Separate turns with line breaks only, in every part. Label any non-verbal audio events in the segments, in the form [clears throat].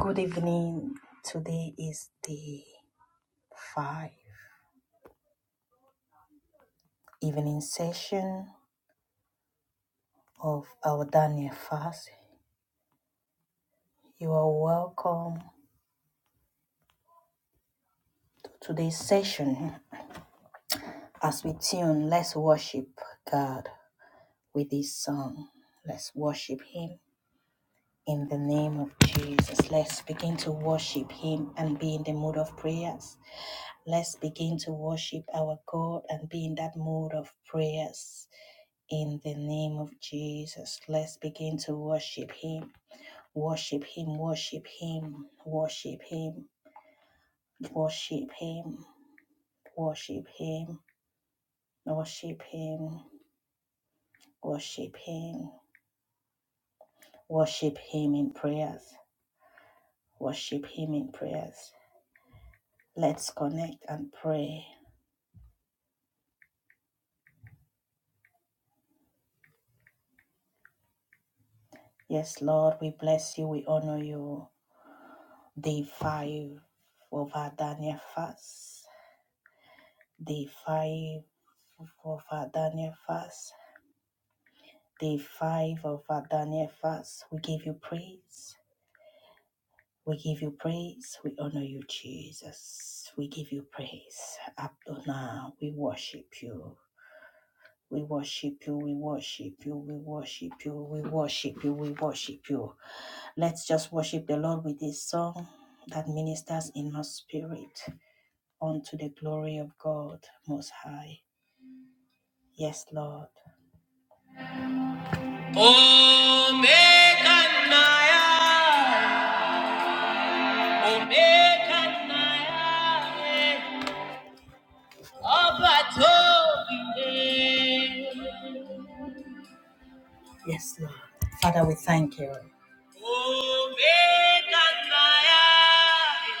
Good evening. Today is the five evening session of our Daniel fast. You are welcome to today's session. As we tune, let's worship God with this song. Let's worship Him in the name of Jesus. Let's begin to worship Him and be in the mood of prayers. Let's begin to worship our God and be in that mood of prayers. In the name of Jesus, let's begin to worship Him. Worship Him, worship Him, worship Him, worship Him, worship Him, worship Him, worship Him, worship Him in prayers, worship Him in prayers. Let's connect and pray. Yes, Lord, we bless you, we honor you. Day five of our Daniel fast. Day five of our Daniel fast. Day five of our Daniel fast, we give you praise. We give you praise. We honor you, Jesus. We give you praise. Adonai, we worship you. We worship you. We worship you. We worship you. We worship you. We worship you. Let's just worship the Lord with this song that ministers in my spirit unto the glory of God Most High. Yes, Lord. Omega Naya. Yes, Lord. Father, we thank you.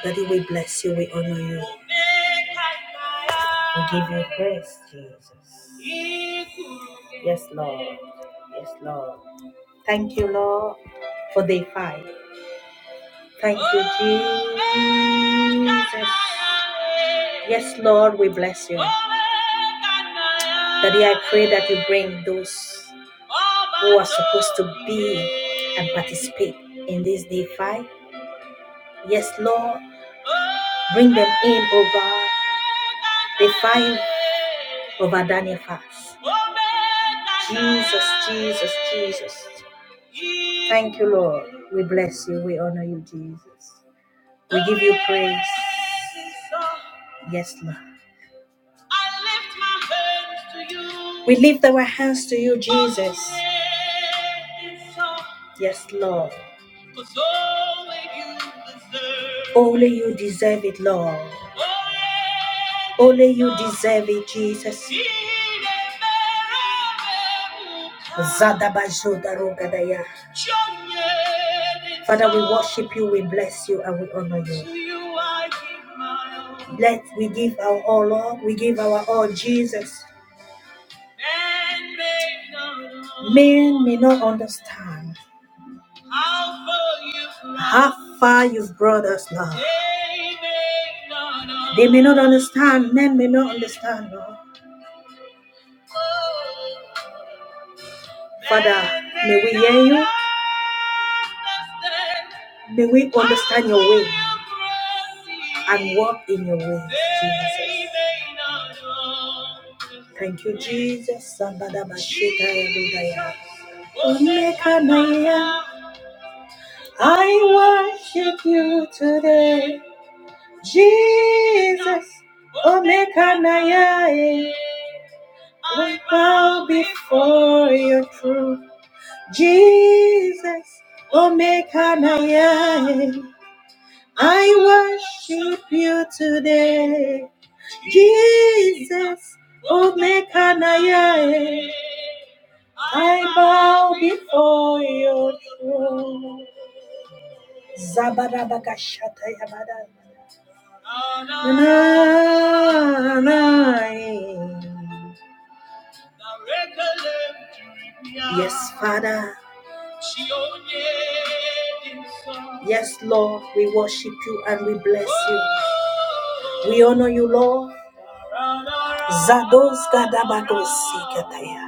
Daddy, we bless you, we honor you. We give you praise, Jesus. Yes, Lord. Yes, Lord. Thank you, Lord, for day five. Thank you, Jesus. Yes, Lord, we bless you. Daddy, I pray that you bring those who are supposed to be and participate in this day five. Yes, Lord, bring them in, oh God. The five of Adania fast. Jesus, Jesus, Jesus. Thank you, Lord. We bless you. We honor you, Jesus. We give you praise. Yes, Lord. We lift our hands to you, Jesus. Yes, Lord. Only you deserve it, Lord. Only you deserve it, Jesus. Zadabazodarogadaya. Father, we worship you, we bless you, and we honor you. Let we give our all, Lord. We give our all, Jesus. Men may not understand how far you've brought us, Lord. They may not understand. Men may not understand, Lord. Father, may we hear you. May we understand your way and walk in your way, Jesus. Thank you, Jesus. Sambada mashita ya budaya. I worship you today, Jesus. Omekanaya. We bow before your throne. Jesus, Omekanaye, I worship you today. Jesus, Omekanaye, I bow before your throne. Zabarabakashatayabada. Yes, Father. Yes, Lord, we worship you and we bless you. We honor you, Lord. Zados gadabados sikataya.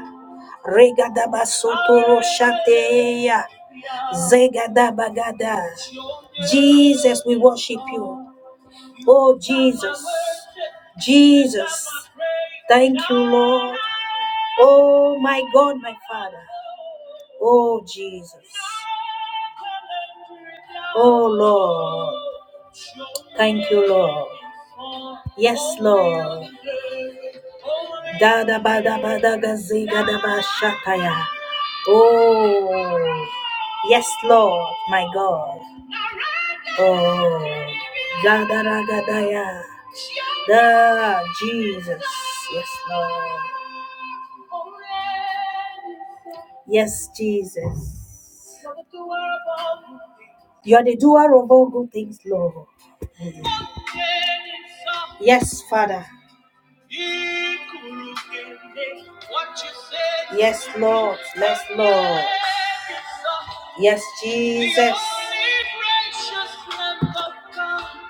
Regadabasotoro shateya. Zegadabagada. Jesus, we worship you. Oh, Jesus. Jesus. Thank you, Lord. Oh, my God, my Father. Oh, Jesus. Oh Lord, thank you, Lord. Yes, Lord. Da da ba da ba da ga zi ga da ba shataya. Oh, yes, Lord, my God. Oh, da da ra ga da ya. The Jesus. Yes, Lord. Yes, Jesus. You're the doer of all good things, Lord. Yes, Father. Yes, Lord. Yes, Lord. Yes, Jesus.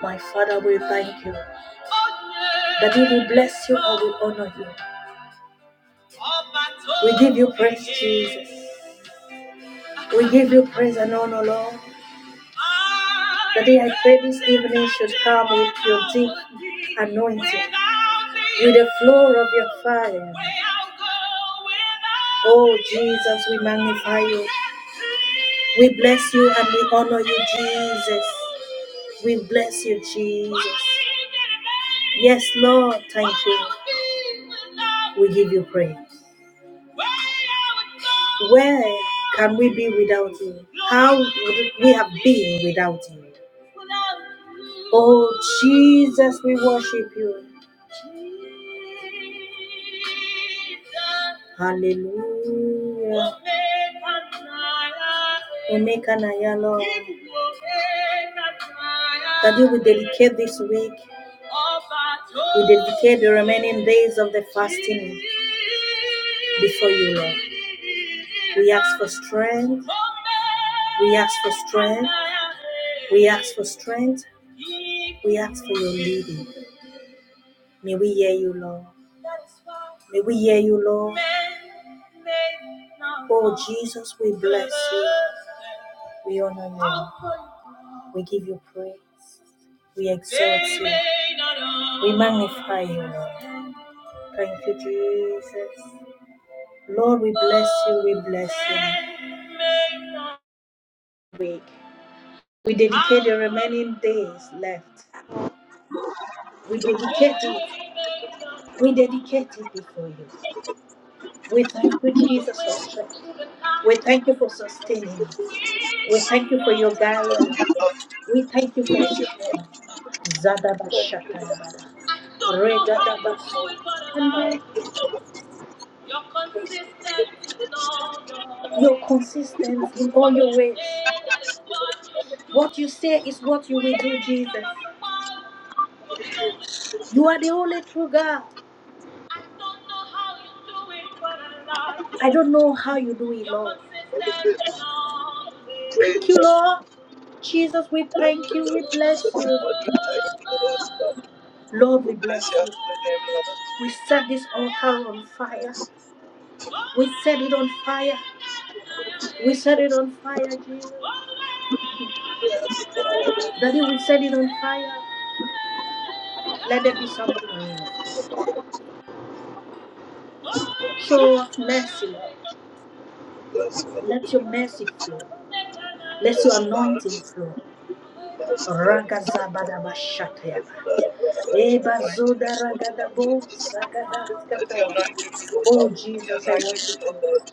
My Father, we thank you. That we will bless you or we honor you. We give you praise, Jesus. We give you praise and honor, Lord. The day I pray this evening should come with your deep anointing, with the flow of your fire. Oh Jesus, we magnify you. We bless you and we honor you, Jesus. We bless you, Jesus. Yes, Lord, thank you. We give you praise. Where can we be without you? How would we have been without you? Oh Jesus, we worship you. Hallelujah. Omeka Naya, Lord. That you we dedicate this week we dedicate the remaining days of the fasting before you, Lord. We ask for strength. We ask for strength. We ask for strength. We ask for your leading. May we hear you, Lord. May we hear you, Lord. Oh, Jesus, we bless you. We honor you. We give you praise. We exalt you. We magnify you, Lord. Thank you, Jesus. Lord, we bless you. We bless you. Week. We dedicate the remaining days left. We dedicate it. We dedicate it before you. We thank you, Jesus, for strength. We thank you for sustaining us. We thank you for your guidance. We thank you for strength. Zadaba
Praise,
shataya bada.
thank
Regada
you, Lord
bada. Your consistency in all your ways. What you say is what you will do, Jesus. You are the only true God. I don't know how you do it, Lord. Thank you, Lord. Jesus, we thank you. We
Jesus.
bless you.
Lord, we thank you, Lord.
Lord, we bless
Bless your
you.
holy name, Lord.
We set this altar on fire. We set it on fire. We set it on fire, Jesus.
Bless, Lord.
Daddy, we set it on fire. Let there be something. Show us mercy, Lord.
Bless, Lord.
Let your mercy flow. Let your
Bless,
anointing
Lord.
flow.
Bless, Lord. Bless, Lord.
Ragazabadabashatayaba.
Let your
Ebazoda
anointing flow, Lord
ragadabo
Jesus. Let your
sagadaskataya.
anointing flow,
Oh
Lord. Let your
Jesus, I
anointing
worship
flow,
you.
Lord.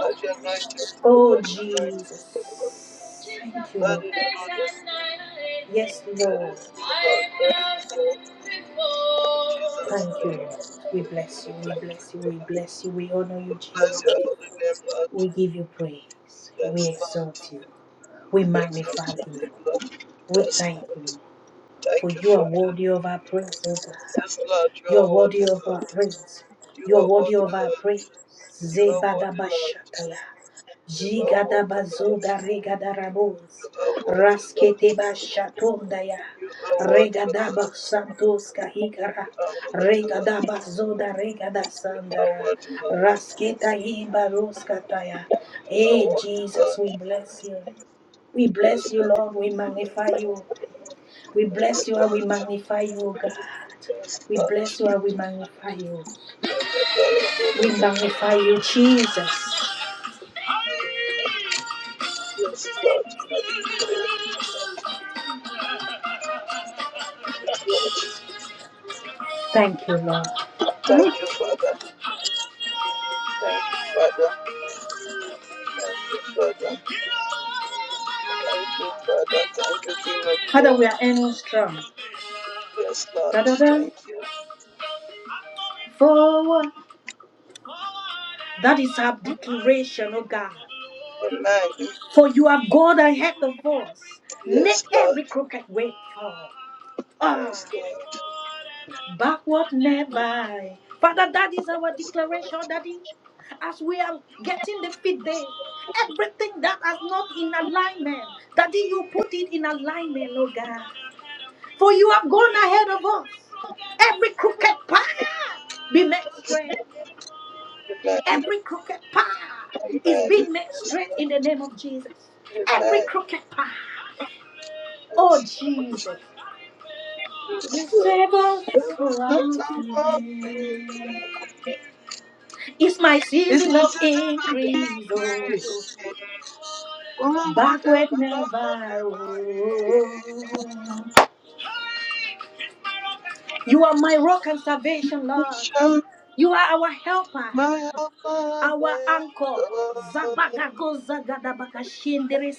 Let your anointing flow,
Oh
Lord. Your anointing
Jesus.
flow, Lord.
Thank you,
Let
Lord.
it flow, Lord.
Yes,
That
Lord.
is true, Lord. That is true. In Jesus'
Thank you,
name.
Lord. We
Thank
bless you. We bless you. We
you, Father.
bless you. We honor you,
We Bless your
Jesus.
holy name, Lord.
We give you praise. We
Yes, Lord.
exalt you. We
We Exalt
magnify
your
you.
name, Lord.
We
Yes,
thank
Lord.
you. For
Thank you,
you are
Father.
worthy of our praise, O God.
Yes, Lord, you
You
are
are worthy
worthy,
of our
Lord.
praise.
You
You are
are
worthy
worthy,
of our
Lord.
praise.
You are worthy, Lord.
Zebadabashakala.
You are worthy, Lord.
Jigadabazoda
You
regadarabos.
are worthy, Lord.
Rasketeba shatondaya.
You are worthy, Lord.
Regadaba santos kahigara.
You are worthy, Lord.
Regadaba zoda regada
You are
sandara.
worthy, Lord.
Rasketa ibaroskataya.
You
Hey,
are worthy, Lord.
Jesus, we bless you. We bless
Thank
you, Lord. We magnify you. We bless you and we magnify you, O God. We bless you and we magnify you. We magnify you, Jesus. Thank you, Lord. Ah,
you, Father. Thank you, Father. Thank you, Father. Thank you, Father. Thank you, King of
Father, we
Glory.
are ending strong.
Yes, Lord.
Da-da-da.
Thank you.
Forward. That is our declaration, O God.
Amen.
For you are God ahead of us. Make
Yes, Lord.
every crooked way fall. Ah.
Yes, Lord.
backward never. Father, that is our declaration, Daddy. As we are getting the feed day, everything that is not in alignment, Daddy, you put it in alignment, oh God. For you have gone ahead of us. Every crooked path be made straight.
Amen.
Every crooked path is
Amen.
being made
Yes,
straight
Lord.
in the name of Jesus. Every
Amen.
crooked path. Oh
Yes, Lord.
Jesus.
Yes,
You save us
Lord. Yes,
around.
Lord.
sin. It's my
It's my
season of
season of being
increase, oh,
great. Oh, whatever
backward
could
never. Oh.
whatever.
You are my rock and salvation, Lord.
Shout
You are our helper.
my help, my
Our anchor,
help.
Zabagago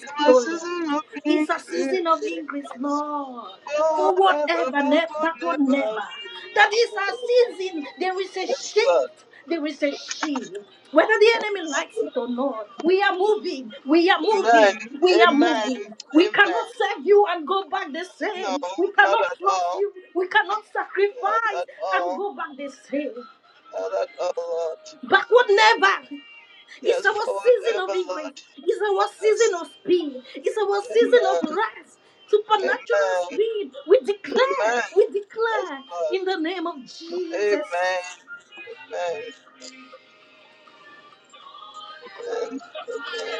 It's my season of being
is a
great.
season of increase, Lord,
Oh,
for
whatever
whatever, never,
could
that what
never
never. That is a
whatever.
season, there is a
Yes, Lord.
shift. There is a shift. Whether the enemy likes it or not, we are moving. We are
Amen.
moving. We are
Amen.
moving. We cannot
Amen.
serve you and go back the
No,
same. We
not
cannot
at
trust
all.
you. We cannot
Not
sacrifice
at
and
all.
go back the same.
Not at all. Lord.
Backward never. It's
Yes,
our
forward
season of
ever,
increase.
Lord.
It's our season
Yes.
of speed. It's our season of
Amen.
rest. Supernatural
Amen.
speed. We declare,
Amen.
we
Yes,
declare
Lord.
in the name of
Amen.
Jesus
Amen. Amen. Amen.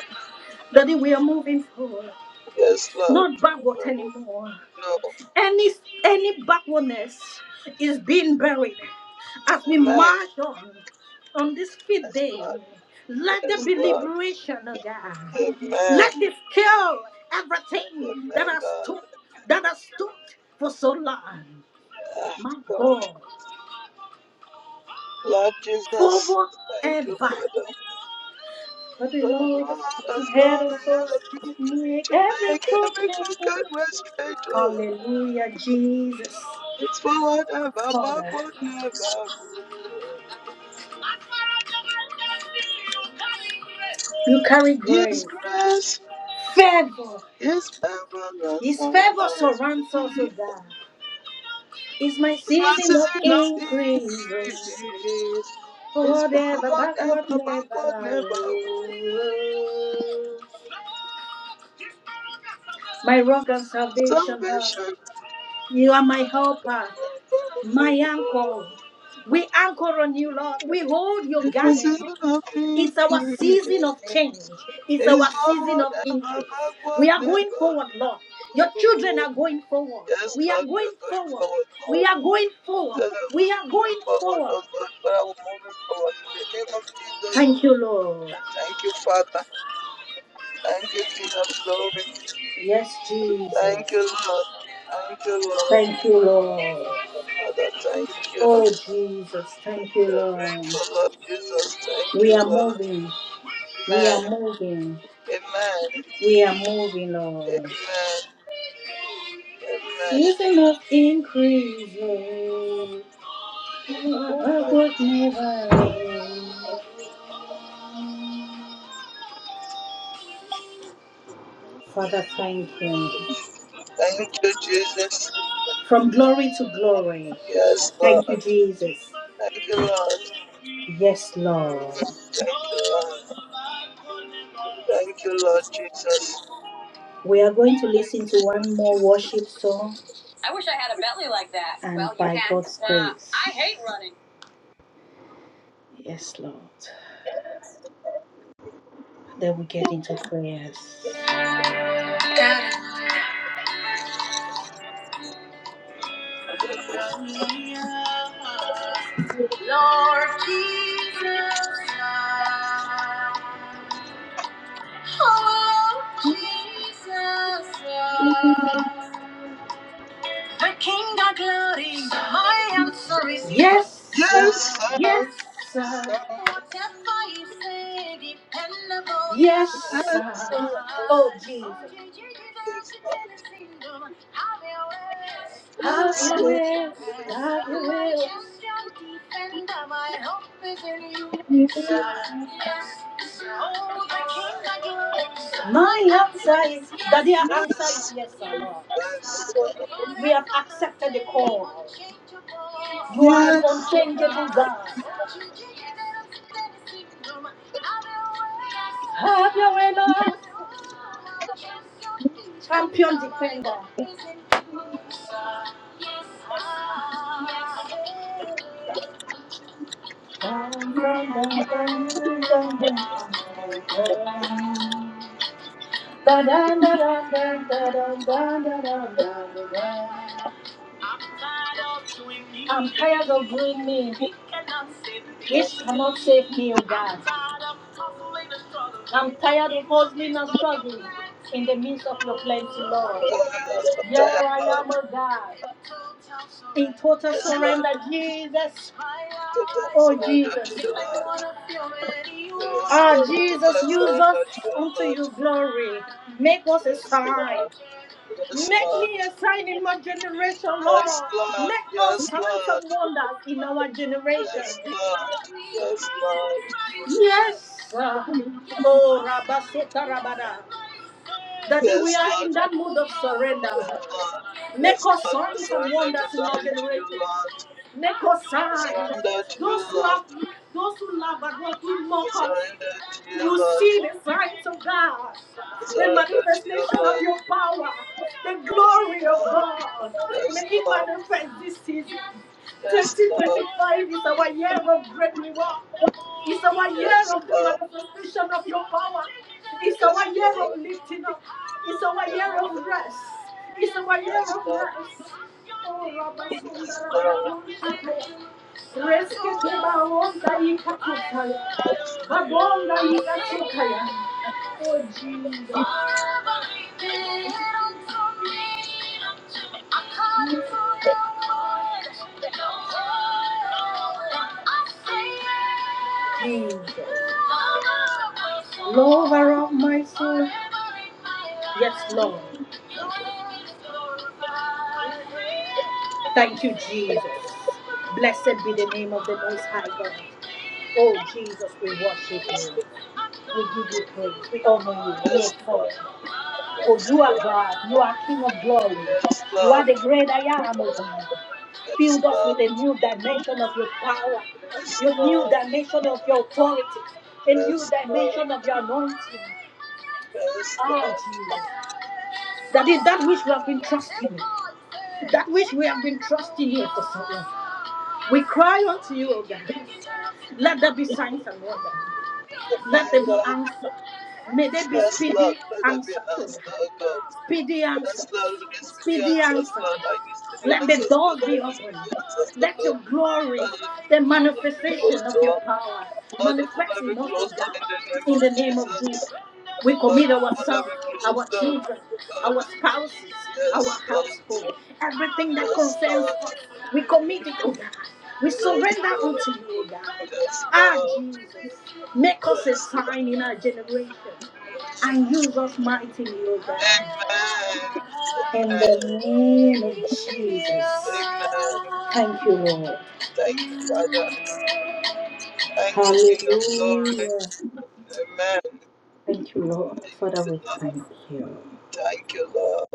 that we are moving forward,
Yes, Lord.
not backward
No.
anymore.
No.
Any any backwardness is being buried as we
Amen.
march on on this fifth
Yes,
day.
Lord.
Let there
Yes,
be
Lord.
liberation, oh God.
Amen.
Let this kill everything
Amen,
that has
Lord.
stood that has stood for so long.
Ah,
My
God.
God,
Lord Jesus,
forever
thank you,
and back.
Father.
But the
For the
Lord
Lord has gone
ahead of
ahead
us
of me
make
to
every
make every
crooked path.
crooked way straight, oh,
Hallelujah, Jesus,
It's forward ever,
Father.
backward never.
You carry
His
grace,
grace
favor.
is permanent
His
on
favor
us.
surrounds us, oh
His
God. It's my
mercy
season
is
of
not
increase.
increased. It's
Forever,
forward
backward,
ever,
never.
backward never.
oh. My rock and salvation, Lord.
Salvation.
You are my helper, my anchor. We anchor on you, Lord. We hold your
It is
garment.
not
It's our season of change.
increased.
It's
It's
our season
forward
of
ever,
increase.
backward
We are
never.
going forward, Lord. Your children are going forward.
Yes,
We are
Lord, we
going
are going
forward.
forward, Lord.
We are going forward.
that I'm
We are going
forward,
forward.
oh God, but I will move forward in the name of Jesus.
Thank you, Lord.
And thank you, Father. Thank you, King of Glory.
Yes,
Thank you,
Jesus.
Lord. Thank you, Lord.
Thank you, Lord.
Father, thank you. I'm
Oh, Jesus. Thank you, Lord.
grateful, Lord Jesus. Thank
We
you,
are
Lord.
moving. We
Amen.
are moving.
Amen.
We are moving, Lord.
Amen.
Season of increase, Lord.
Amen.
Father, thank you.
Thank you, Jesus.
From glory to glory.
Yes, Lord.
Thank you, Jesus.
Thank you, Lord.
Yes,
Mm,
Lord.
Thank you, Lord. Thank you, Lord Jesus.
We are going to
Thank
listen to
you, Lord
one more
Jesus.
worship song. I wish I had a belly like that. And well, you by you can. God's Uh, grace. Uh, I hate running. Yes, Lord. Then we get into prayers. Lord Jesus, love. Oh, Lord Jesus, love. The King of Glory, my answer is yes, sir.
Yes,
Yes,
sir.
sir.
Sir.
Whatever you say, dependable. Yes,
Yes,
sir.
sir.
Oh, Jesus.
Yes, Lord. Yes,
Have your
sir.
way, have your way. Champion defender, my hope is in you,
Yes,
sir. Yes, sir. Oh, the King of Glory. My answer is, that their answer is
yes,
yes, sir, Lord.
yes, sir.
We have accepted the call. You are an
Yes.
unchangeable God. Have your way, Lord. Champion defender. Dun, dun, dun, dun, dun, dun, dun, dun, dun. Dun, dun, dun, dun, dun, dun, dun, dun, dun, I'm tired of doing me. Which cannot save me, He cannot save me, oh God. I'm tired of hustling and struggling in the midst of your plenty, Lord.
Oh, yes, I'm
Here
tired,
I am,
Lord.
oh God. In total
Yes, Lord.
surrender, Jesus.
Total
Oh,
surrender to
Jesus.
you, Lord. Yes,
Ah,
Lord.
Jesus,
Total
use us
surrender to you,
unto
Lord.
your glory. Make us a
Yes,
sign.
Lord. Yes,
Make
Lord.
me a sign in my generation,
Yes,
Lord.
Lord.
Make us
Yes,
signs and
Lord.
wonders in our generation.
Yes, Lord. Yes, Lord.
Yes. sir. Oh, Rabasota Rabada. Daddy, we
Yes,
are
Lord.
in that mood of surrender.
Lord.
Make
Yes,
us
Lord, I
signs and
surrender
wonders in our
totally to you,
generation.
Lord.
Make us
I
signs.
Surrender to you,
Those who
Lord.
have, those who laugh at us, who
I
mock us,
Surrender to you,
will
Lord.
see the signs of God,
I
the
Surrender to you,
manifestation of
Lord.
your power, the
Yes,
glory of
Lord.
God. May
Yes,
it
Lord.
manifest this season.
Yes, Lord.
2025 is our year of great reward. It's our year
Yes,
of the
Lord.
manifestation of your power. It's our
Yes,
year of
Lord.
lifting up. It's our year
Amen.
of rest. It's our year
Yes,
of
Lord.
rest. Oh, Rabba
Yes,
Sundara Bada
Lord.
Bun Shape. Reskete baronda ikakotaya.
Yes, Lord.
Babonda ikakotaya. Oh, Jesus. Jesus. Lover of my soul. Yes, Lord. Thank you, Jesus. Blessed be the name of the Most High God. Oh, Jesus, we worship you. We give you praise. We honor you. We
Yes,
exalt
Lord.
you.
Yes, Lord.
For
Yes,
you are
Lord.
God. You are King of glory.
Yes,
You are the great I am, O God. Filled us with
Lord.
a new dimension of your power,
Yes,
your new
Lord.
dimension of your authority, a new
Yes, Lord.
dimension of your anointing.
Best
Ah,
luck.
Jesus. That is that which we have been trusting you. That which we have been trusting you for so long. We cry unto you, O God. Let there be signs and wonders. Let
Man,
there be
God,
answer. May there be
best luck.
speedy
Let there be
answer. oh
answer,
God.
God.
Speedy answers.
Best luck. We need speedy
Speedy
answers,
answers.
Lord. I need speedy
Let the
answers, Lord.
doors be
I need
open.
speedy answers, Lord.
Let your
God.
glory,
That the
the
people will not be
manifestation
closed
of
to
your power,
Lord, upon
manifest
every
in us, O
closed door in the
God.
name
In
of
the name of Jesus,
Jesus.
we
Lord,
commit
upon
ourselves,
every
our
closed door,
children, our
God.
spouses, our
Yes,
household,
Lord.
everything that
Yes,
concerns
Lord.
us. We commit it, O God. We
Yes,
surrender
Lord.
unto you, O God.
Yes,
Ah,
Lord.
Jesus, make us a
Yes,
sign in our generation
Lord.
and use us mightily, O God.
Amen.
In
Amen.
the name of Jesus.
Amen.
Thank you, Lord.
Thank you, Father. Thank you, King of Glory.
Hallelujah.
Amen.
Thank you, Lord. Father, we
Lord,
thank you.
Thank you, Lord.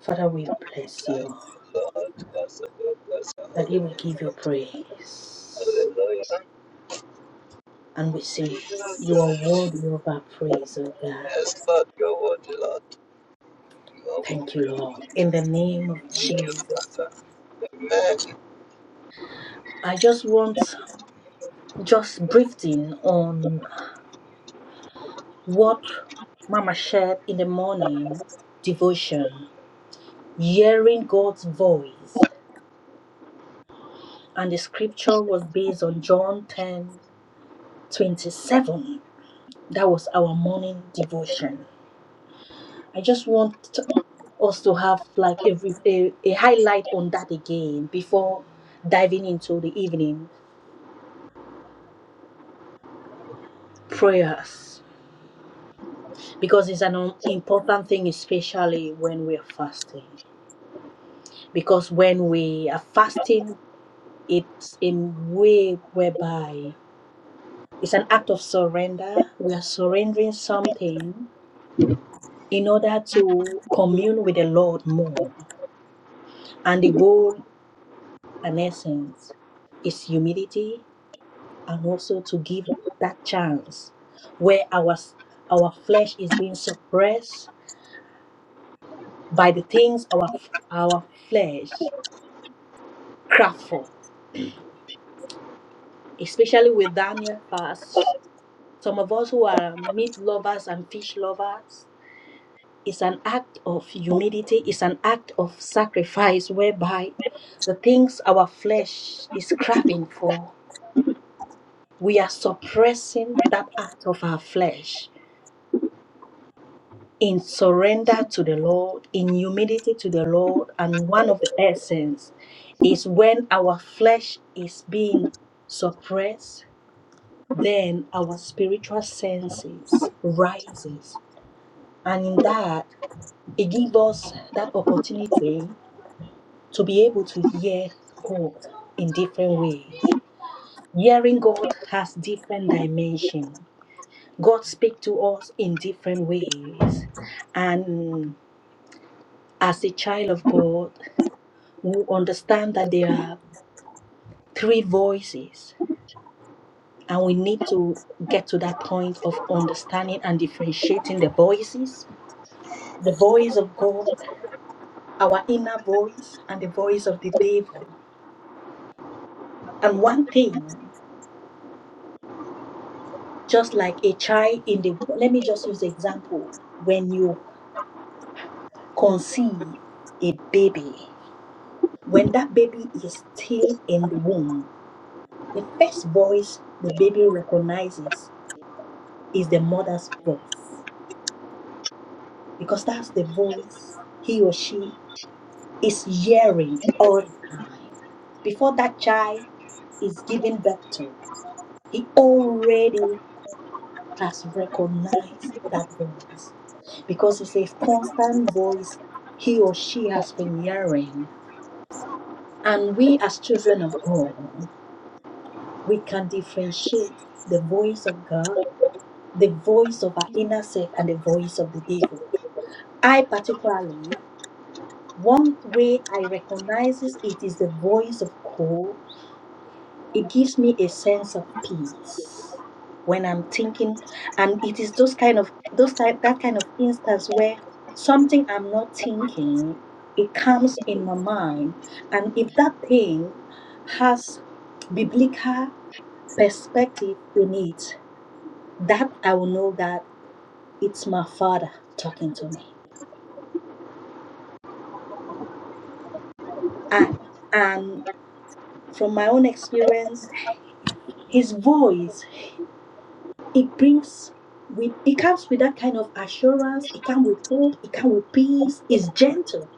Father, we bless
Thank
you.
you, Lord. Bless the Lord. Bless the Holy
Daddy, we
Name,
give you
Lord.
praise.
Hallelujah.
And we say, You are worthy of our praise, O God.
Yes, Lord, your word, Lord. Your
Thank you,
word.
Lord. In the name of
Thank you,
Jesus.
Father. Amen.
I just want just briefing on What Mama shared in the morning devotion, hearing God's voice, and the scripture was based on John 10 27. That was our morning devotion. I just want us to have like a, a, a highlight on that again before diving into the evening prayers because it's an um, important thing, especially when we're fasting. Because when we are fasting, it's a way whereby it's an act of surrender. We are surrendering something in order to commune with the Lord more. And the goal and essence is humility and also to give that chance where our our flesh is being suppressed by the things our our flesh craft for. Especially with Daniel fast, some of us who are meat lovers and fish lovers, It's an act of humility, it's an act of sacrifice whereby the things our flesh is craving for, we are suppressing that act of our flesh in surrender to the Lord, in humility to the Lord. And one of the essence is when our flesh is being suppressed, then our spiritual senses rises. And in that, it gives us that opportunity to be able to hear God in different ways. Hearing God has different dimension. God speaks to us in different ways. And as a child of God, we understand that there are three voices. And we need to get to that point of understanding and differentiating the voices the voice of God, our inner voice, and the voice of the devil. And one thing just like a child in the let me just use the example when you conceive a baby when that baby is still in the womb the first voice the baby recognizes is the mother's voice because that's the voice he or she is hearing all the time before that child is given birth to he already has recognized that voice because it's a constant voice he or she has been hearing. And we, as children of God, we can differentiate the voice of God, the voice of our inner self, and the voice of the devil. I, particularly, one way I recognize it is the voice of God It gives me a sense of peace when I'm thinking, and it is those kind of those type that kind of instance where something I'm not thinking, it comes in my mind, and if that thing has biblical perspective in it, that I will know that it's my father talking to me. And and from my own experience, his voice it brings with it comes with that kind of assurance it comes with hope it comes with peace it's gentle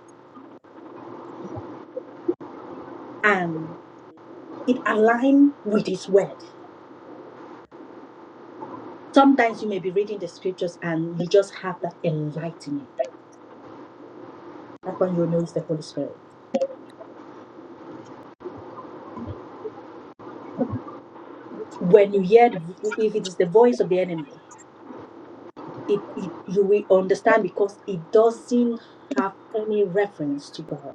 and it aligns with his word sometimes you may be reading the scriptures and you just have that enlightenment that one you know is the holy spirit when you hear the, if it is the voice of the enemy it, it you will understand because it doesn't have any reference to god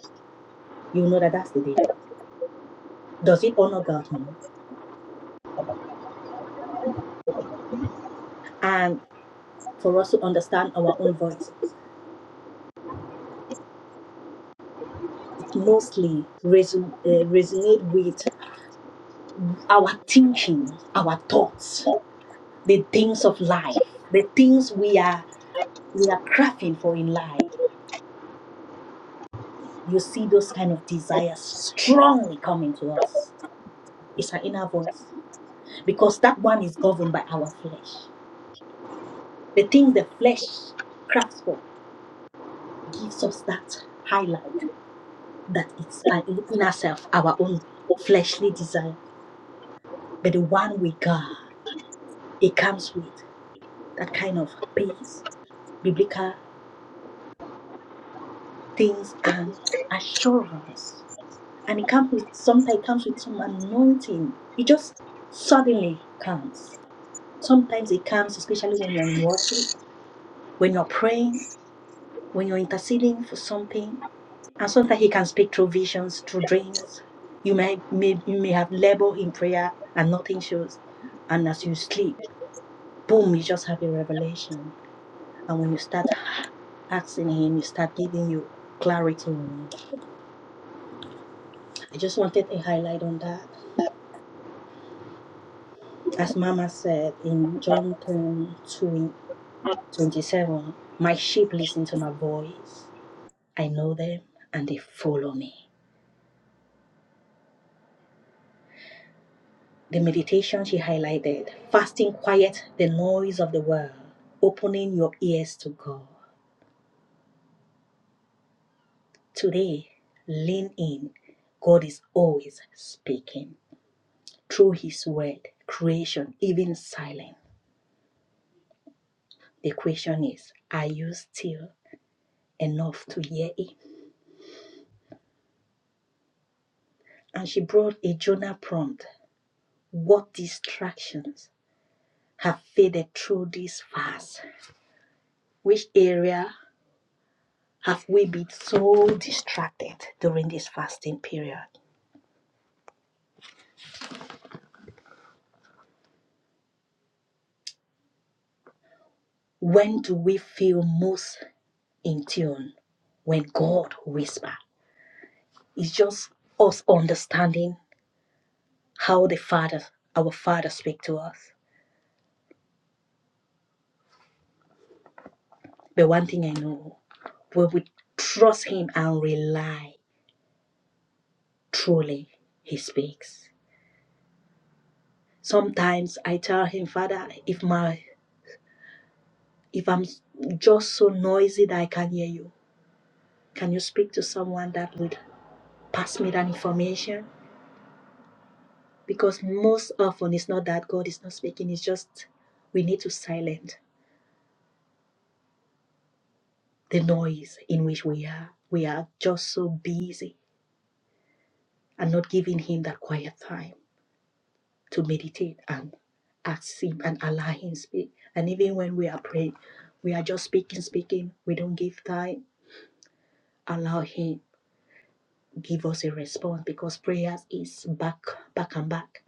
you know that that's the devil does it honor god No. and for us to understand our own voice mostly reson- uh, resonate with our thinking, our thoughts, the things of life, the things we are we are crafting for in life. You see those kind of desires strongly coming to us. It's our inner voice because that one is governed by our flesh. The things the flesh crafts for gives us that highlight that it's our inner self, our own fleshly desire. But the one with God, it comes with. that kind of peace, biblical things, and assurance. And it comes with sometimes it comes with some anointing. It just suddenly comes. Sometimes it comes, especially when you're in worship, when you're praying, when you're interceding for something. And sometimes he can speak through visions, through dreams. You may, may you may have labored in prayer and nothing shows. And as you sleep, boom, you just have a revelation. And when you start asking Him, you start giving you clarity on it. I just wanted a highlight on that. As Mama said in John ten twenty seven, my sheep listen to my voice. I know them and they follow me. The meditation she highlighted fasting quiet the noise of the world, opening your ears to God. Today, lean in. God is always speaking through His word, creation, even silence. The question is, are you still enough to hear him? And she brought a Jonah prompt. What distractions have faded through this fast? Which area have we been so distracted during this fasting period? When do we feel most in tune? When God whispers. It's just us understanding how the Father, our Father, speak to us. But one thing I know, we would trust Him and rely Truly, He speaks. Sometimes I tell Him, Father, if my if I'm just so noisy that I can't hear you, can you speak to someone that would pass me that information? Because most often it's not that God is not speaking; it's just we need to silence the noise in which we are. We are just so busy and not giving Him that quiet time. to meditate and ask Him and allow Him speak. And even when we are praying, we are just speaking, speaking. We don't give time. Allow Him give us a response because prayers is back, back and back.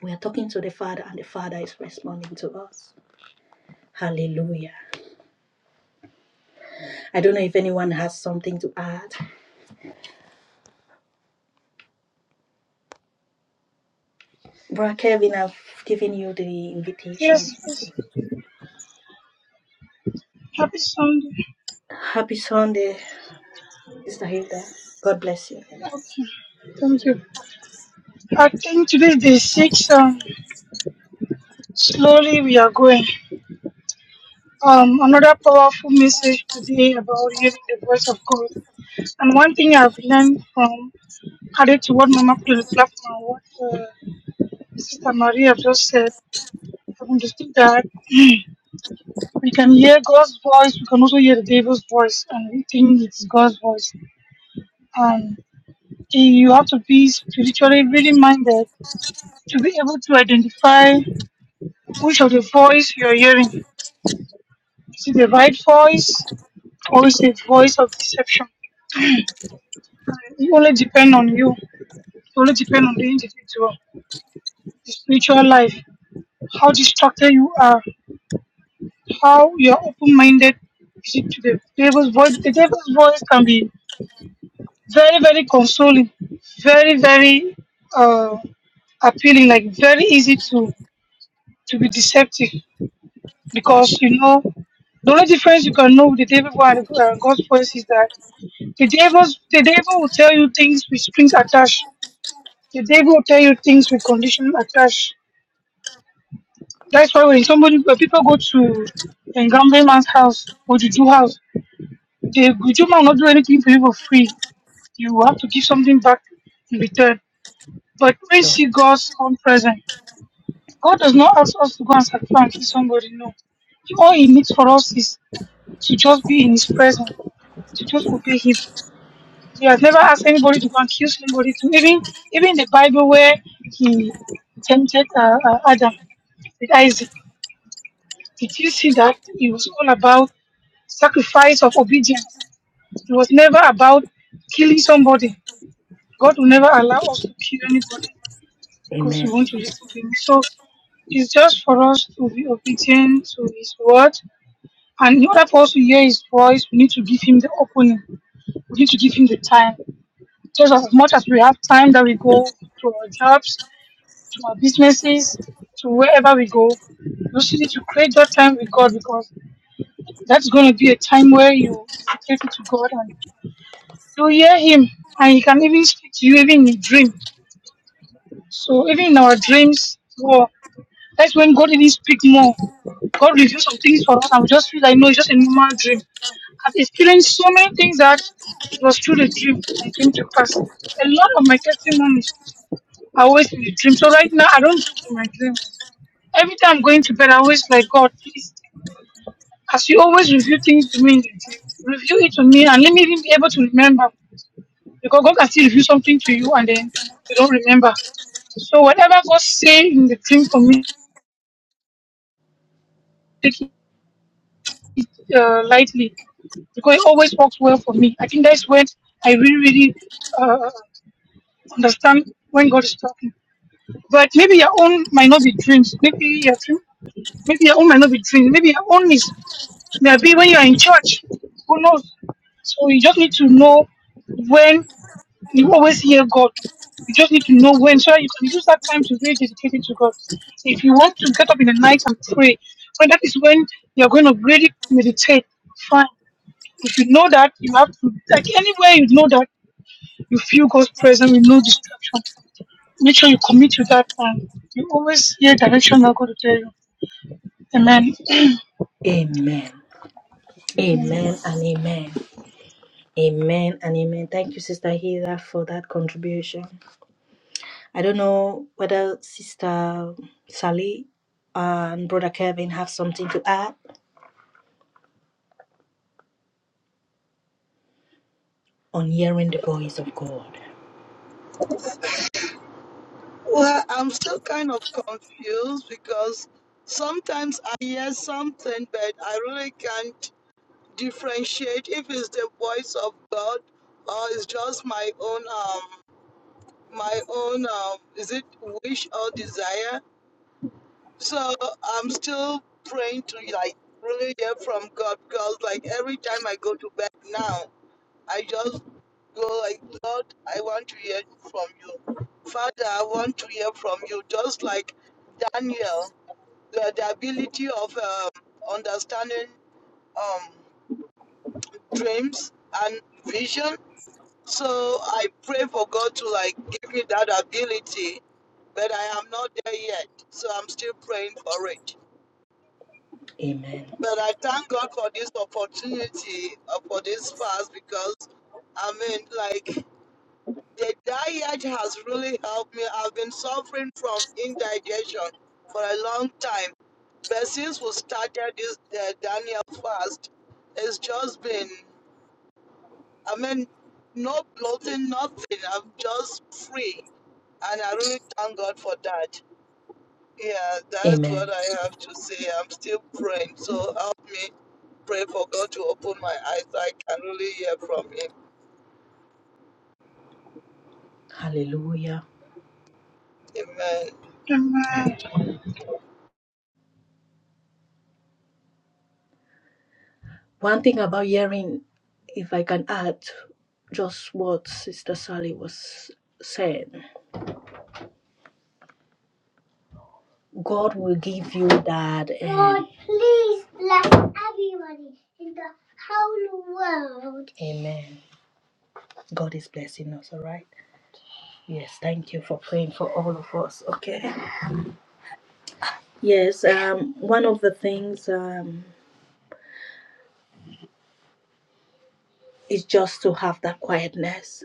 We are talking to the Father, and the Father is responding to us. Hallelujah. I don't know if anyone has something to add. Brother Kevin, I've given you the invitation.
Yes, yes. happy Sunday.
Happy Sunday, Sister Hilda. God bless you.
Okay, thank you. I think today is day six. Um, slowly we are going. Um, another powerful message today about hearing the voice of God. And one thing I've learned from added to what Mama put on the platform, what uh, Sister Maria just said, I've understood that we can hear God's voice, we can also hear the devil's voice, and we think it's God's voice. And you have to be spiritually really minded to be able to identify Which of the voice you are hearing? Is it the right voice or is it voice of deception? It only depends on you. It only depends on the individual, the spiritual life, how distracted you are, how you are open-minded is it to the devil's voice. The devil's voice can be very, very consoling, very, very uh, appealing, like very easy to to be deceptive because you know the only difference you can know with the devil voice and God's voice is that The devil, the devil will tell you things with strings attached. The devil will tell you things with conditions attached. That's why when somebody, when people go to a gambling man's house or juju house, the juju man will not do anything for you for free. You have to give something back in return. But we
Sure.
see God's own presence, God does not ask us to go and sacrifice and kill somebody. No, all He needs for us is to just be in His presence, to just obey Him. He has never asked anybody to go and kill somebody. To even even the Bible where he tempted uh, uh, Adam with Isaac, did you see that it was all about sacrifice of obedience? It was never about killing somebody. God will never allow us to kill anybody because we
Amen.
want to listen to Him. So it's just for us to be obedient to His word. And in order for us to hear His voice, we need to give Him the opening. We need to give Him the time. Just as much as we have time that we go to our jobs, to our businesses, to wherever we go. You also need to create that time with God because that's going to be a time where you dedicate it to God and you hear Him and He can even speak to you even in dream. So even in our dreams, well, that's when God even speak more. God reveals some things for us and we just feel like, no, it's just a normal dream. I've experienced so many things that it was through the dream that came to pass. A lot of my testimonies are always in the dream. So right now, I don't joke with my dreams. Every time I'm going to bed, I always like, God, please, as you always reveal things to me in the dream, reveal it to me and let me even be able to remember. Because God can still reveal something to you and then you don't remember. So whatever God say in the dream for me, take it uh, lightly because it always works well for me. I think that's when I really, really uh, understand when God is talking. But maybe your own might not be dreams. Maybe your dream, maybe your own might not be dreams. Maybe your own is Maybe when you're in church, who knows? So you just need to know when you always hear God. You just need to know when, so that you can use that time to really dedicate it to God. So if you want to get up in the night and pray, when that is when you're going to really meditate, fine. If you know that, you have to, like anywhere you know that, you feel God's presence with no distraction. Make sure you commit to that and you always hear direction I'm going to tell you. Amen.
Amen. Amen and amen. Amen and amen. Thank you, Sister Hilda, for that contribution. I don't know whether Sister Sally and Brother Kevin have something to add on hearing the voice of God.
Well, I'm still kind of confused because sometimes I hear something, but I really can't. differentiate if it's the voice of God or it's just my own um my own um is it wish or desire. So I'm still praying to like really hear from God because like every time I go to bed now I just go like Lord I want to hear from you. Father I want to hear from you just like Daniel the, the ability of um, understanding um dreams and vision So I pray for God to like give me that ability, but I am not there yet. So I'm still praying for it.
Amen.
But I thank God for this opportunity uh, for this fast because I mean like the diet has really helped me. I've been suffering from indigestion for a long time. But since we started this uh, Daniel fast, it's just been, I mean, no bloating, nothing. I'm just free. And I really thank God for that. Yeah, that's what
Amen.
I have to say. I'm still praying. So help me pray for God to open my eyes so I can really hear from Him.
Hallelujah.
Amen.
Amen.
One thing about hearing, if I can add just what Sister Sally was saying, God will give you that. um, Lord, please bless everybody in the whole world. Amen. God is blessing us, all right? Yes, thank you for praying for all of us, okay? Yes, um, one of the things um, is just to have that quietness.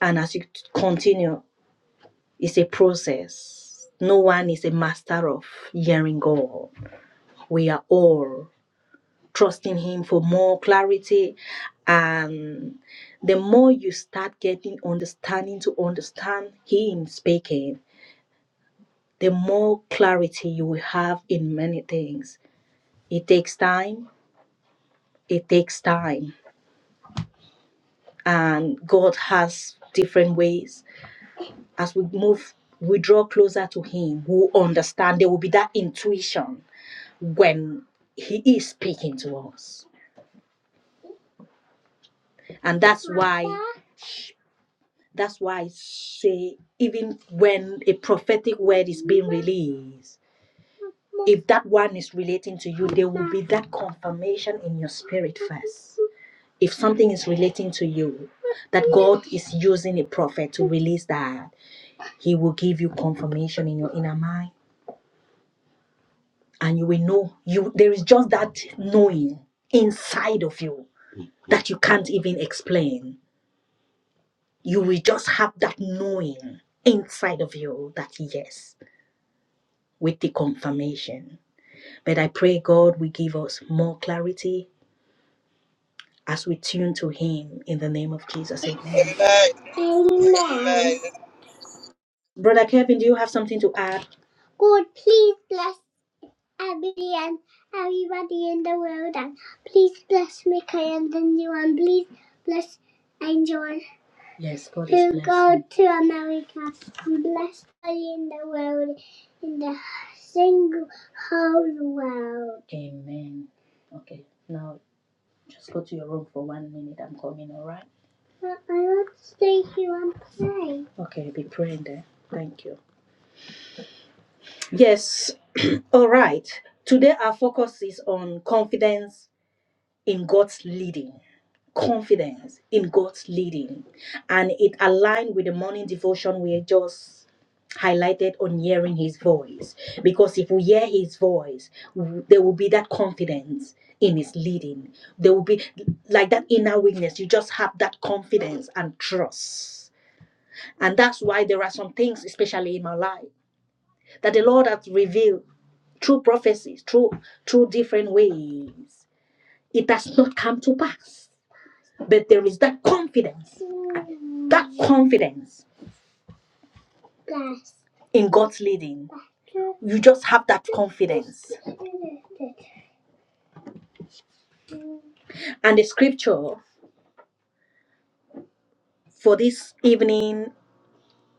And as you continue, it's a process. No one is a master of hearing God. We are all trusting Him for more clarity. And the more you start getting understanding to understand Him speaking, the more clarity you will have in many things It takes time. It takes time. And God has different ways. As we move, we draw closer to Him, we understand there will be that intuition when He is speaking to us. And that's why that's why I say even when a prophetic word is being released, if that one is relating to you, there will be that confirmation in your spirit first. if something is relating to you that God is using a prophet to release that, He will give you confirmation in your inner mind, and you will know you there is just that knowing inside of you that you can't even explain. You will just have that knowing inside of you that yes, with the confirmation. But I pray God will give us more clarity as we tune to Him in the name of Jesus. Amen.
Amen.
Amen. Brother Kevin, do you have something to add? God, please bless Emily and everybody in the world, and please bless Mickey and the new one. Please bless Angel. Yes, God is blessing. who go to America and bless everybody in the world, in the single whole world. Amen. Okay, now just go to your room for one minute. I'm coming. All right. But I want to stay here and pray. Okay, be praying there. Thank you. Yes. [clears throat] All right. Today, our focus is on confidence in God's leading. Confidence in God's leading. And it aligned with the morning devotion we just highlighted on hearing his voice. Because if we hear his voice, w- there will be that confidence in his leading. There will be like that inner witness. You just have that confidence and trust. And that's why there are some things, especially in my life that the Lord has revealed through prophecies, through through different ways. It has not come to pass. But there is that confidence. That confidence in God's leading. You just have that confidence. And the scripture for this evening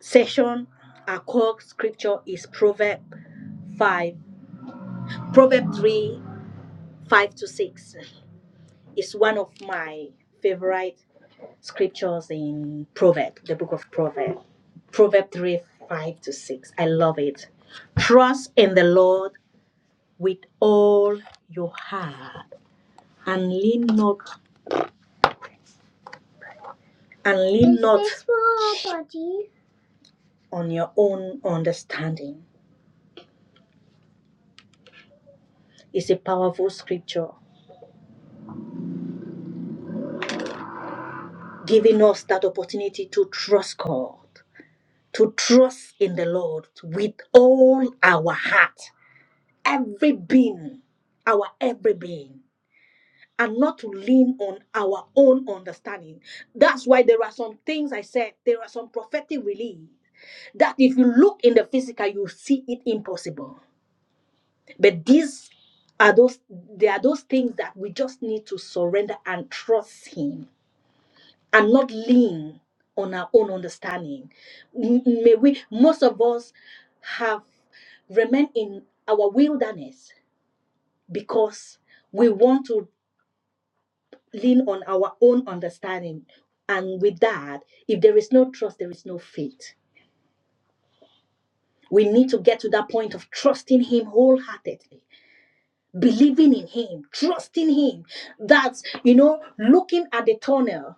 session, our core scripture is Proverb 5. Proverb 3, 5 to 6 is one of my favorite scriptures in Proverbs, the book of Proverbs, Proverbs 3 5 to 6. I love it. Trust in the Lord with all your heart and lean not and lean Is not this for our body? on your own understanding. It's a powerful scripture giving us that opportunity to trust God, to trust in the Lord with all our heart, every being, our every being. and not to lean on our own understanding. That's why there are some things I said, there are some prophetic release that if you look in the physical, you see it impossible. But these are those there are those things that we just need to surrender and trust him and not lean on our own understanding. M- May we most of us have remained in our wilderness because we want to lean on our own understanding. And with that, if there is no trust, there is no faith. We need to get to that point of trusting Him wholeheartedly, believing in Him, trusting Him. That's, you know, looking at the tunnel,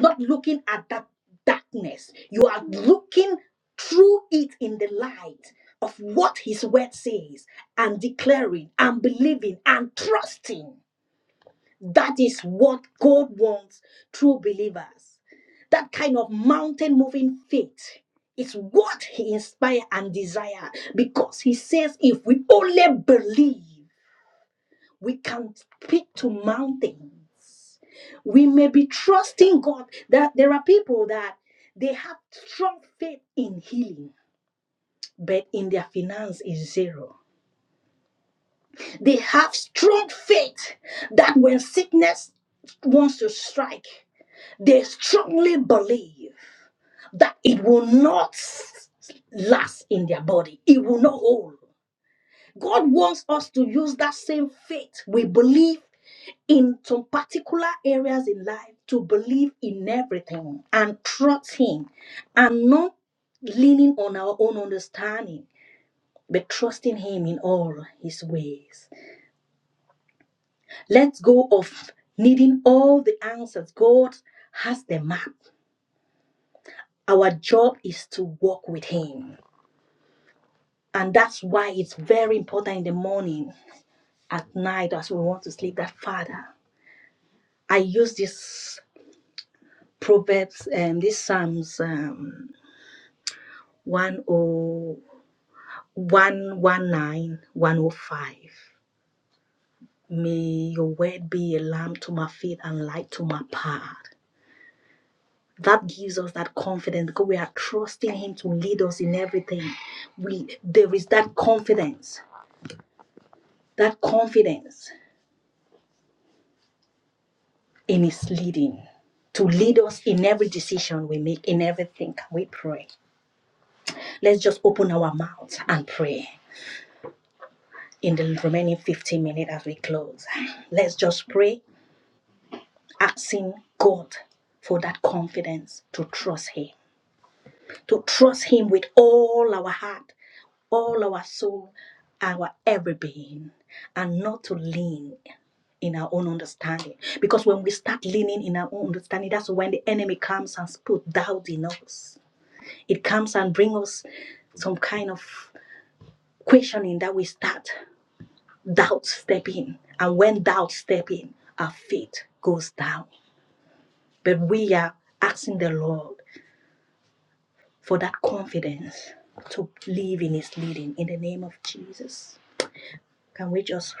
not looking at that darkness. You are looking through it in the light of what His word says and declaring and believing and trusting. That is what God wants true believers. That kind of mountain moving faith is what He inspires and desire because He says, if we only believe, we can speak to mountains. We may be trusting God that there are people that they have strong faith in healing, but in their finance is zero. They have strong faith that when sickness wants to strike, They strongly believe that it will not last in their body, it will not hold. God wants us to use that same faith we believe in some particular areas in life to believe in everything and trust Him and not leaning on our own understanding, but trusting Him in all His ways. Let's go of needing all the answers. God has the map. Our job is to walk with Him. And that's why it's very important in the morning, at night, as we want to sleep, that Father, I use this Proverbs, um, this Psalms um, 101, May your word be a lamp to my feet and light to my path. That gives us that confidence because we are trusting Him to lead us in everything. We there is that confidence, that confidence. in his leading to lead us in every decision we make, in everything we pray. Let's just open our mouths and pray in the remaining 15 minutes as we close. Let's just pray, asking God for that confidence to trust Him, to trust Him with all our heart, all our soul, our every being, and not to lean in our own understanding. Because when we start leaning in our own understanding, that's when the enemy comes and puts doubt in us It comes and brings us some kind of questioning that we start. Doubt step in. And when doubt step in, our faith goes down. But we are asking the Lord for that confidence to live in his leading in the name of Jesus. Can we just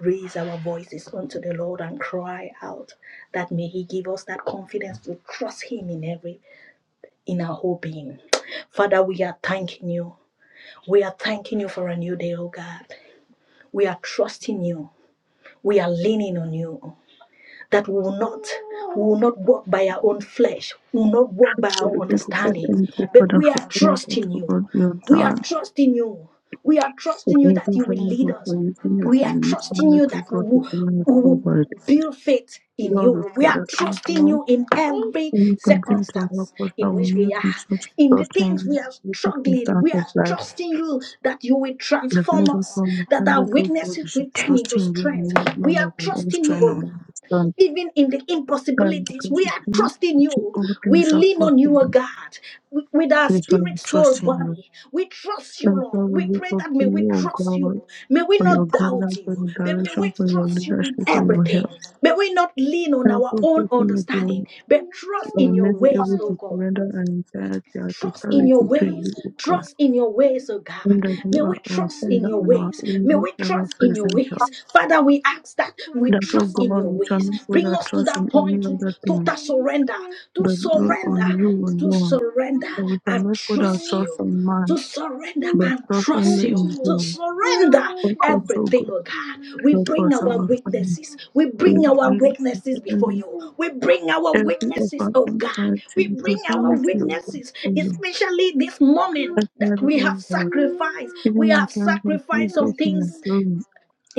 raise our voices unto the Lord and cry out that may he give us that confidence to trust him in every in our whole being. Father, we are thanking you. We are thanking you for a new day, oh God. We are trusting you. We are leaning on you that we will not we will not walk by our own flesh we will not walk
Thank
by
you
our
for
understanding
thank you
but
for the
we are
all that
trusting
for
you
God you have
we are
done.
trusting you we are
We
trusting you
Thank
that
you
you
for
will lead
your for
us
using your
we are
servants to
trusting
make
you
us
that we
God to
will,
bring us
we will
forward.
build faith in
Lord, we
you we
pray
are
that you
trusting
will
you in every
you continue to help
circumstance
us that
in
we
which
may
we are
continue to
in the
trust
things
in
we are
the
struggling
circumstance
we
of
are
life.
trusting you that you will
You have
transform
made us
us that
understand
our
that oh God,
weaknesses
we should
will turn
trust
into
in you
strength
and
we are
not in our own
trusting you
strength
O
or
god
understand.
even in the
And
impossibilities.
because
We
you
are trusting
do
you.
all
We
things are
lean on you, O
possible,
God, with with our
and it's when we
spirit, soul,
trust in you.
body. We trust you,
And
Lord.
so we
We
look
pray
up
that
to
may we
you, O
trust
God.
you. May we
for your
not doubt
guidance, for
you,
your
but may
direction,
we
for your
trust you in
leadership, for your
everything.
help.
May we not lean on
Help
our
us
own
to make
understanding, but trust
uh,
in
may
your
be
ways,
able
O
to
God.
surrender our entirety, our
Trust in your
totality to
ways.
you, O God.
Trust in your ways, oh God.
In that you
May
are
we
our
trust in
Father
your
and our
ways. May
only
we
ever
trust in your
present help.
ways. Father, we ask that we
That, O
trust in
God,
your
we shall
ways.
not put
Bring
our
us to
trust in
that
any
point to
other
total
thing,
surrender, to
but look on
surrender,
you
to
alone.
surrender
And we shall
and
not put our
trust
trust
you
on
to
man,
surrender
but
and
trust
trust
only
you,
in
to
you.
surrender
Help us, O God.
everything, oh God. We
Help
bring
us,
our
our Father.
weaknesses, we bring our
We
weaknesses before you, we bring our
every of
weaknesses,
our
oh God,
efforts
we
in
bring our
totality of the
weaknesses,
kingdom,
especially this
as
moment that
Father
we have
on God,
sacrificed.
even
We
in
have
times of
sacrificed some
little King of
things
glory,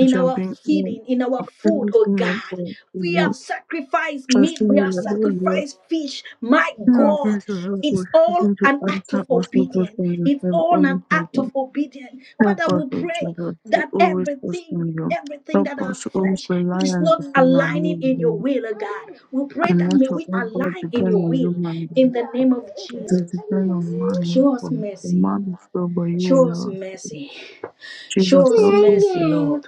I shall
our
bring all
feeding, in our
of
food, oh
everything
God.
of God to
We have
you.
sacrificed meat,
Trusting
we
you,
have
that, O Lord,
sacrificed fish. My
you are going
God,
to help
it's
us,
all
even to
an act of
answer us, O God,
obedience.
from the
It's
same
all
only
an act
heaven.
of obedience.
Help
Father,
us,
we
O
pray
Jesus, to
that
always trust
everything.
in you.
Everything
Help
that our
us to always
flesh
rely
is
and
not
depend on you,
aligning in your
Lord,
will, oh God. We pray
and
that
not
may
to,
we
O God,
align in
depend
your
on you,
will
man.
in the name of
It will
Jesus.
depend on man.
Show us
not God. The
mercy.
man is God, but you will
Show us
never.
mercy. Show
Jesus,
us
help us
mercy, Lord.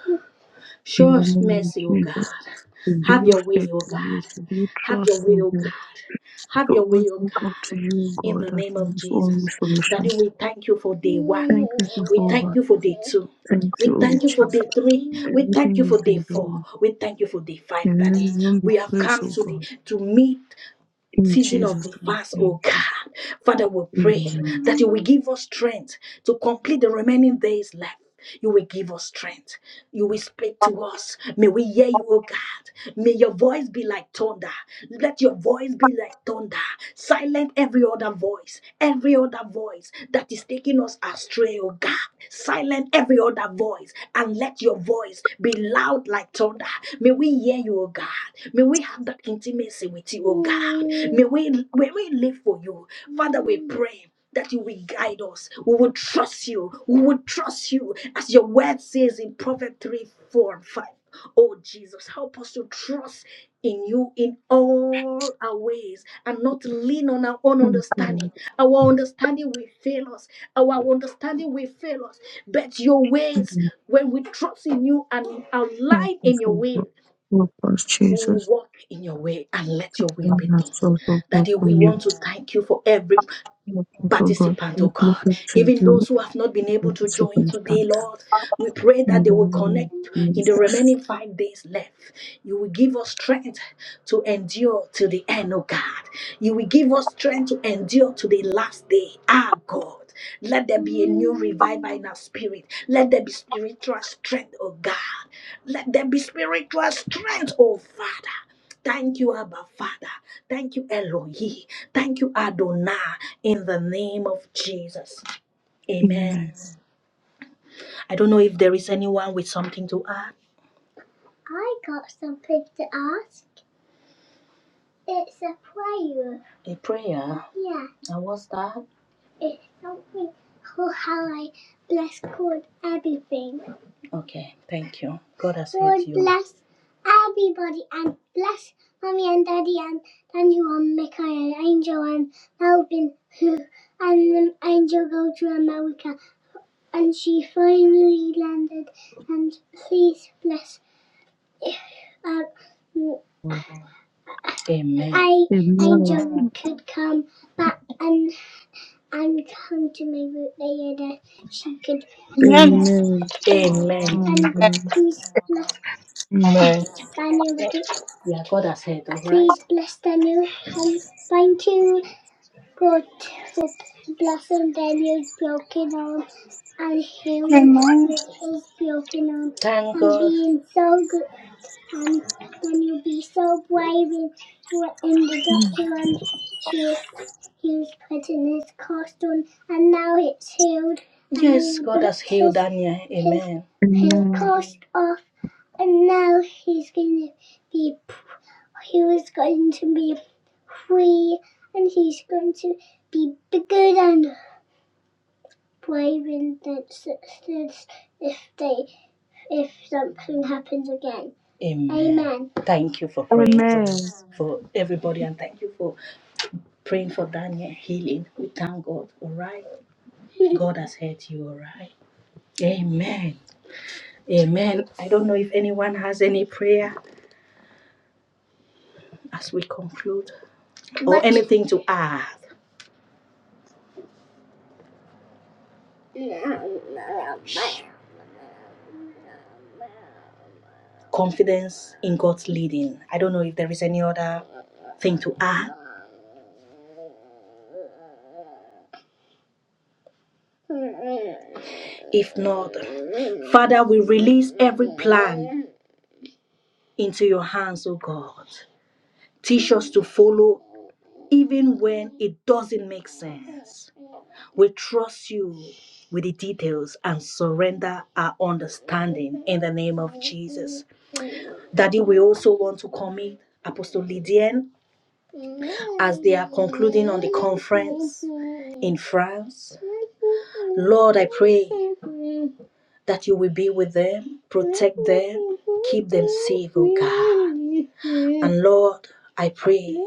Show
in the
us
name
mercy,
of
O God.
Jesus to
Have
build
your way,
faith
O
in you,
God.
to build
Have
trust
your way,
in
O God.
you,
Have
to
your way,
always
O
look up
God.
to you,
In the
God, as
name
our
of
only
Jesus. Daddy,
solution.
we thank you for day one.
Thank you,
We
Jehovah.
thank you for day two.
Thank
We
you, O
thank you for
Jesus.
day
for
three. We thank
Everything
you
you've
for day
been
four.
doing.
We thank you for day five,
Your
Daddy.
name will be
We have
praised,
come
O
to the
God.
to meet
In
season of
Jesus'
the fast, oh
name,
God. Father, we pray
amen.
that you will give us strength to complete the remaining days left. You will give us strength. You will speak to us. May we hear you, oh God. May your voice be like thunder. Let your voice be like thunder. Silent every other voice, every other voice that is taking us astray, oh God. Silent every other voice and let your voice be loud like thunder. May we hear you, oh God. May we have have that intimacy with you, oh God. May we, may we live for you. Father, we pray that you will guide us. We will trust you. We will trust you as your word says in Proverbs 3, 4, and 5. Oh Jesus, help us to trust in you in all our ways and not lean on our own
Thank
understanding.
you,
Our understanding will fail us. Our understanding will fail us. But your ways,
Lord.
when we trust in you and
Help
align
us,
in your
O God.
will,
Help us,
who
Jesus.
walk in your way and let your will
Help
be
us,
done.
O God,
Daddy, we
from you.
want to thank you for every
Yes, so God,
participant, oh
let me
God.
look to
Even those
you
who have not been able
in the
to join today,
circumstance.
Lord, we pray that
In
they
the
will
name
connect
of
in the
Jesus.
remaining five days left. You will give us strength to endure to the end, oh God. You will give us strength to endure to the last day, ah God. Let there be a new revival in our spirit. Let there be spiritual strength, oh God. Let there be spiritual strength, oh Father. Thank you, Abba Father. Thank you, Elohi. Thank you, Adonai, in the name of Jesus. Amen.
Amen.
I don't know if there is anyone with something to add. I got something to ask. It's a prayer. A prayer? Yeah. And what's that? It's something for how I bless God everything. Okay, thank you. God has God helped you. God bless everybody and bless mommy and daddy and Daniel and Michael and Angel and Melvin [laughs] who and um, Angel go to America and she finally landed and please bless if um, Amen. I
Amen.
Angel could come back and and come to my root layer that she could be
Amen.
perfect.
Amen.
Amen.
Amen.
And
Amen.
please bless
Amen.
Daniel because Yeah, God has heard, all right. please bless Daniel and thank you God for blessing Daniel's broken arm and healing
Amen.
his broken arm Thank and God. being so good and when you be so brave in, in the
Mm.
Doctor shoes he was putting his cast on and now it's healed. Yes, God has healed his, Daniel. his, Amen. his
Amen.
cast off and now he's going to be, he was going to be free and he's going to be bigger than brave in the sisters if they if something happens again. Amen. Amen. Thank you for praying for
Amen.
us, for everybody, and thank you for praying for Daniel healing. We thank God. All right. [laughs] God has heard you. All right. Amen. Amen. I don't know if anyone has any prayer as we conclude or What? anything to add. No, no, Shh. Confidence in God's leading. I don't know if there is any other thing to add. If not, Father, we release every plan into your hands, oh God. Teach us to follow even when it doesn't make sense. We trust you with the details and surrender our understanding in the name of Jesus. Daddy, we also want to commit Apostle Lydian as they are concluding on the conference in France. Lord, I pray that you will be with them, protect them, keep them safe, oh God. And Lord, I pray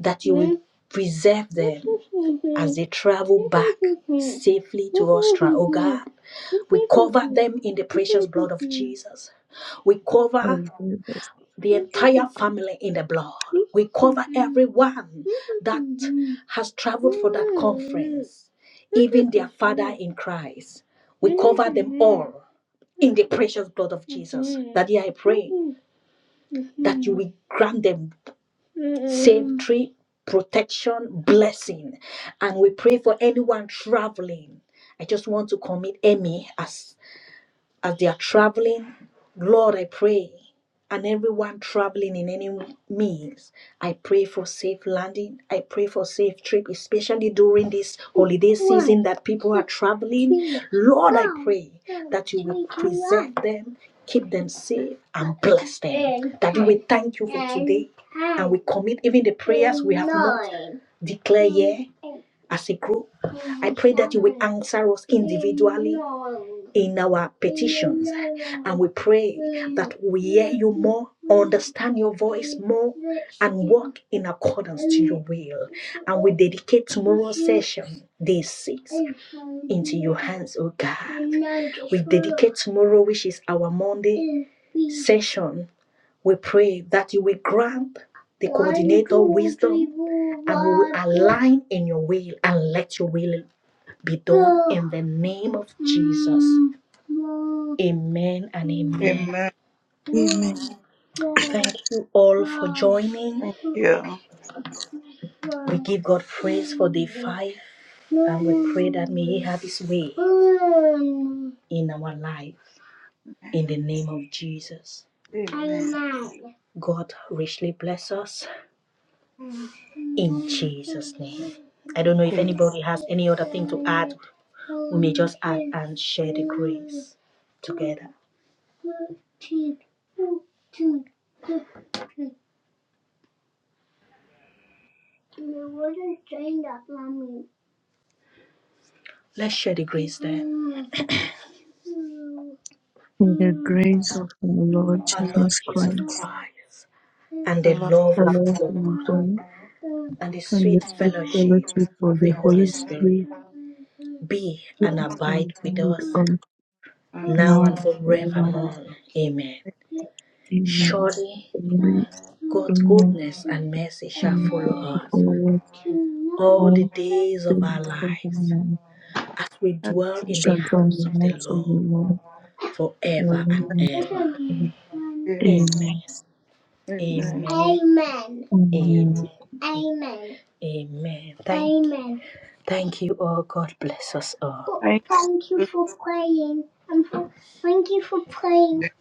that you will preserve them as they travel back safely to Austria. Oh God, we cover them in the precious blood of Jesus. We cover
Oh, Jesus.
the entire family in the blood. We cover everyone that has traveled for that conference, even their father in Christ. We cover them all in the precious blood of Jesus. That I pray that you will grant them safety, protection, blessing. And we pray for anyone traveling. I just want to commit Emmy as as they are traveling. Lord, I pray, and everyone traveling in any means, I pray for safe landing. I pray for safe trip, especially during this holiday season that people are traveling. Lord, I pray that you will preserve them, keep them safe, and bless them. That we thank you for today, and we commit even the prayers we have not declared yet as a group. I pray that you will answer us individually in our petitions. And we pray that we hear you more, understand your voice more, and walk in accordance to your will. And we dedicate tomorrow's session, day six, into your hands, oh God. We dedicate tomorrow, which is our Monday session. We pray that you will grant the coordinator wisdom and we will align in your will and let your will be done in the name of Jesus. Amen and amen.
Amen.
Amen.
Thank you all for joining.
Yeah.
We give God praise for day five and we pray that may He have His way in our life in the name of Jesus.
Amen.
Amen. God richly bless us
Mm.
in Jesus' name. I don't know if
Amen.
anybody has any other thing to add. We may just add and share the grace together. 13, fourteen, fifteen. And I wasn't saying that, Mommy. Let's share the grace then. Mm,
In the
mm,
grace of our Lord
Our Lord
Jesus
Jesus
Christ,
Christ and
The
the
Lord.
love
the
of
love of
God
God,
and the
and the
sweet
sweet
fellowship
fellowship of
of the
the
Holy
Holy
Spirit
Spirit,
be and
rest and
abide
be
with
with
us
us
now
now
and
and forever.
forevermore. Amen.
Amen.
Surely
Amen.
God's
Amen.
goodness and mercy shall follow
Amen.
us all
Amen.
the days of
things
our
of the
lives,
Lord,
as we dwell in
which
the house of the Lord forever and ever. Amen.
Amen.
Amen.
Amen.
Amen.
Amen. Amen.
Amen.
Amen. Amen. Thank, Amen. Thank you all. God bless us all.
Thank you.
Thank you for praying. And for, thank you for praying.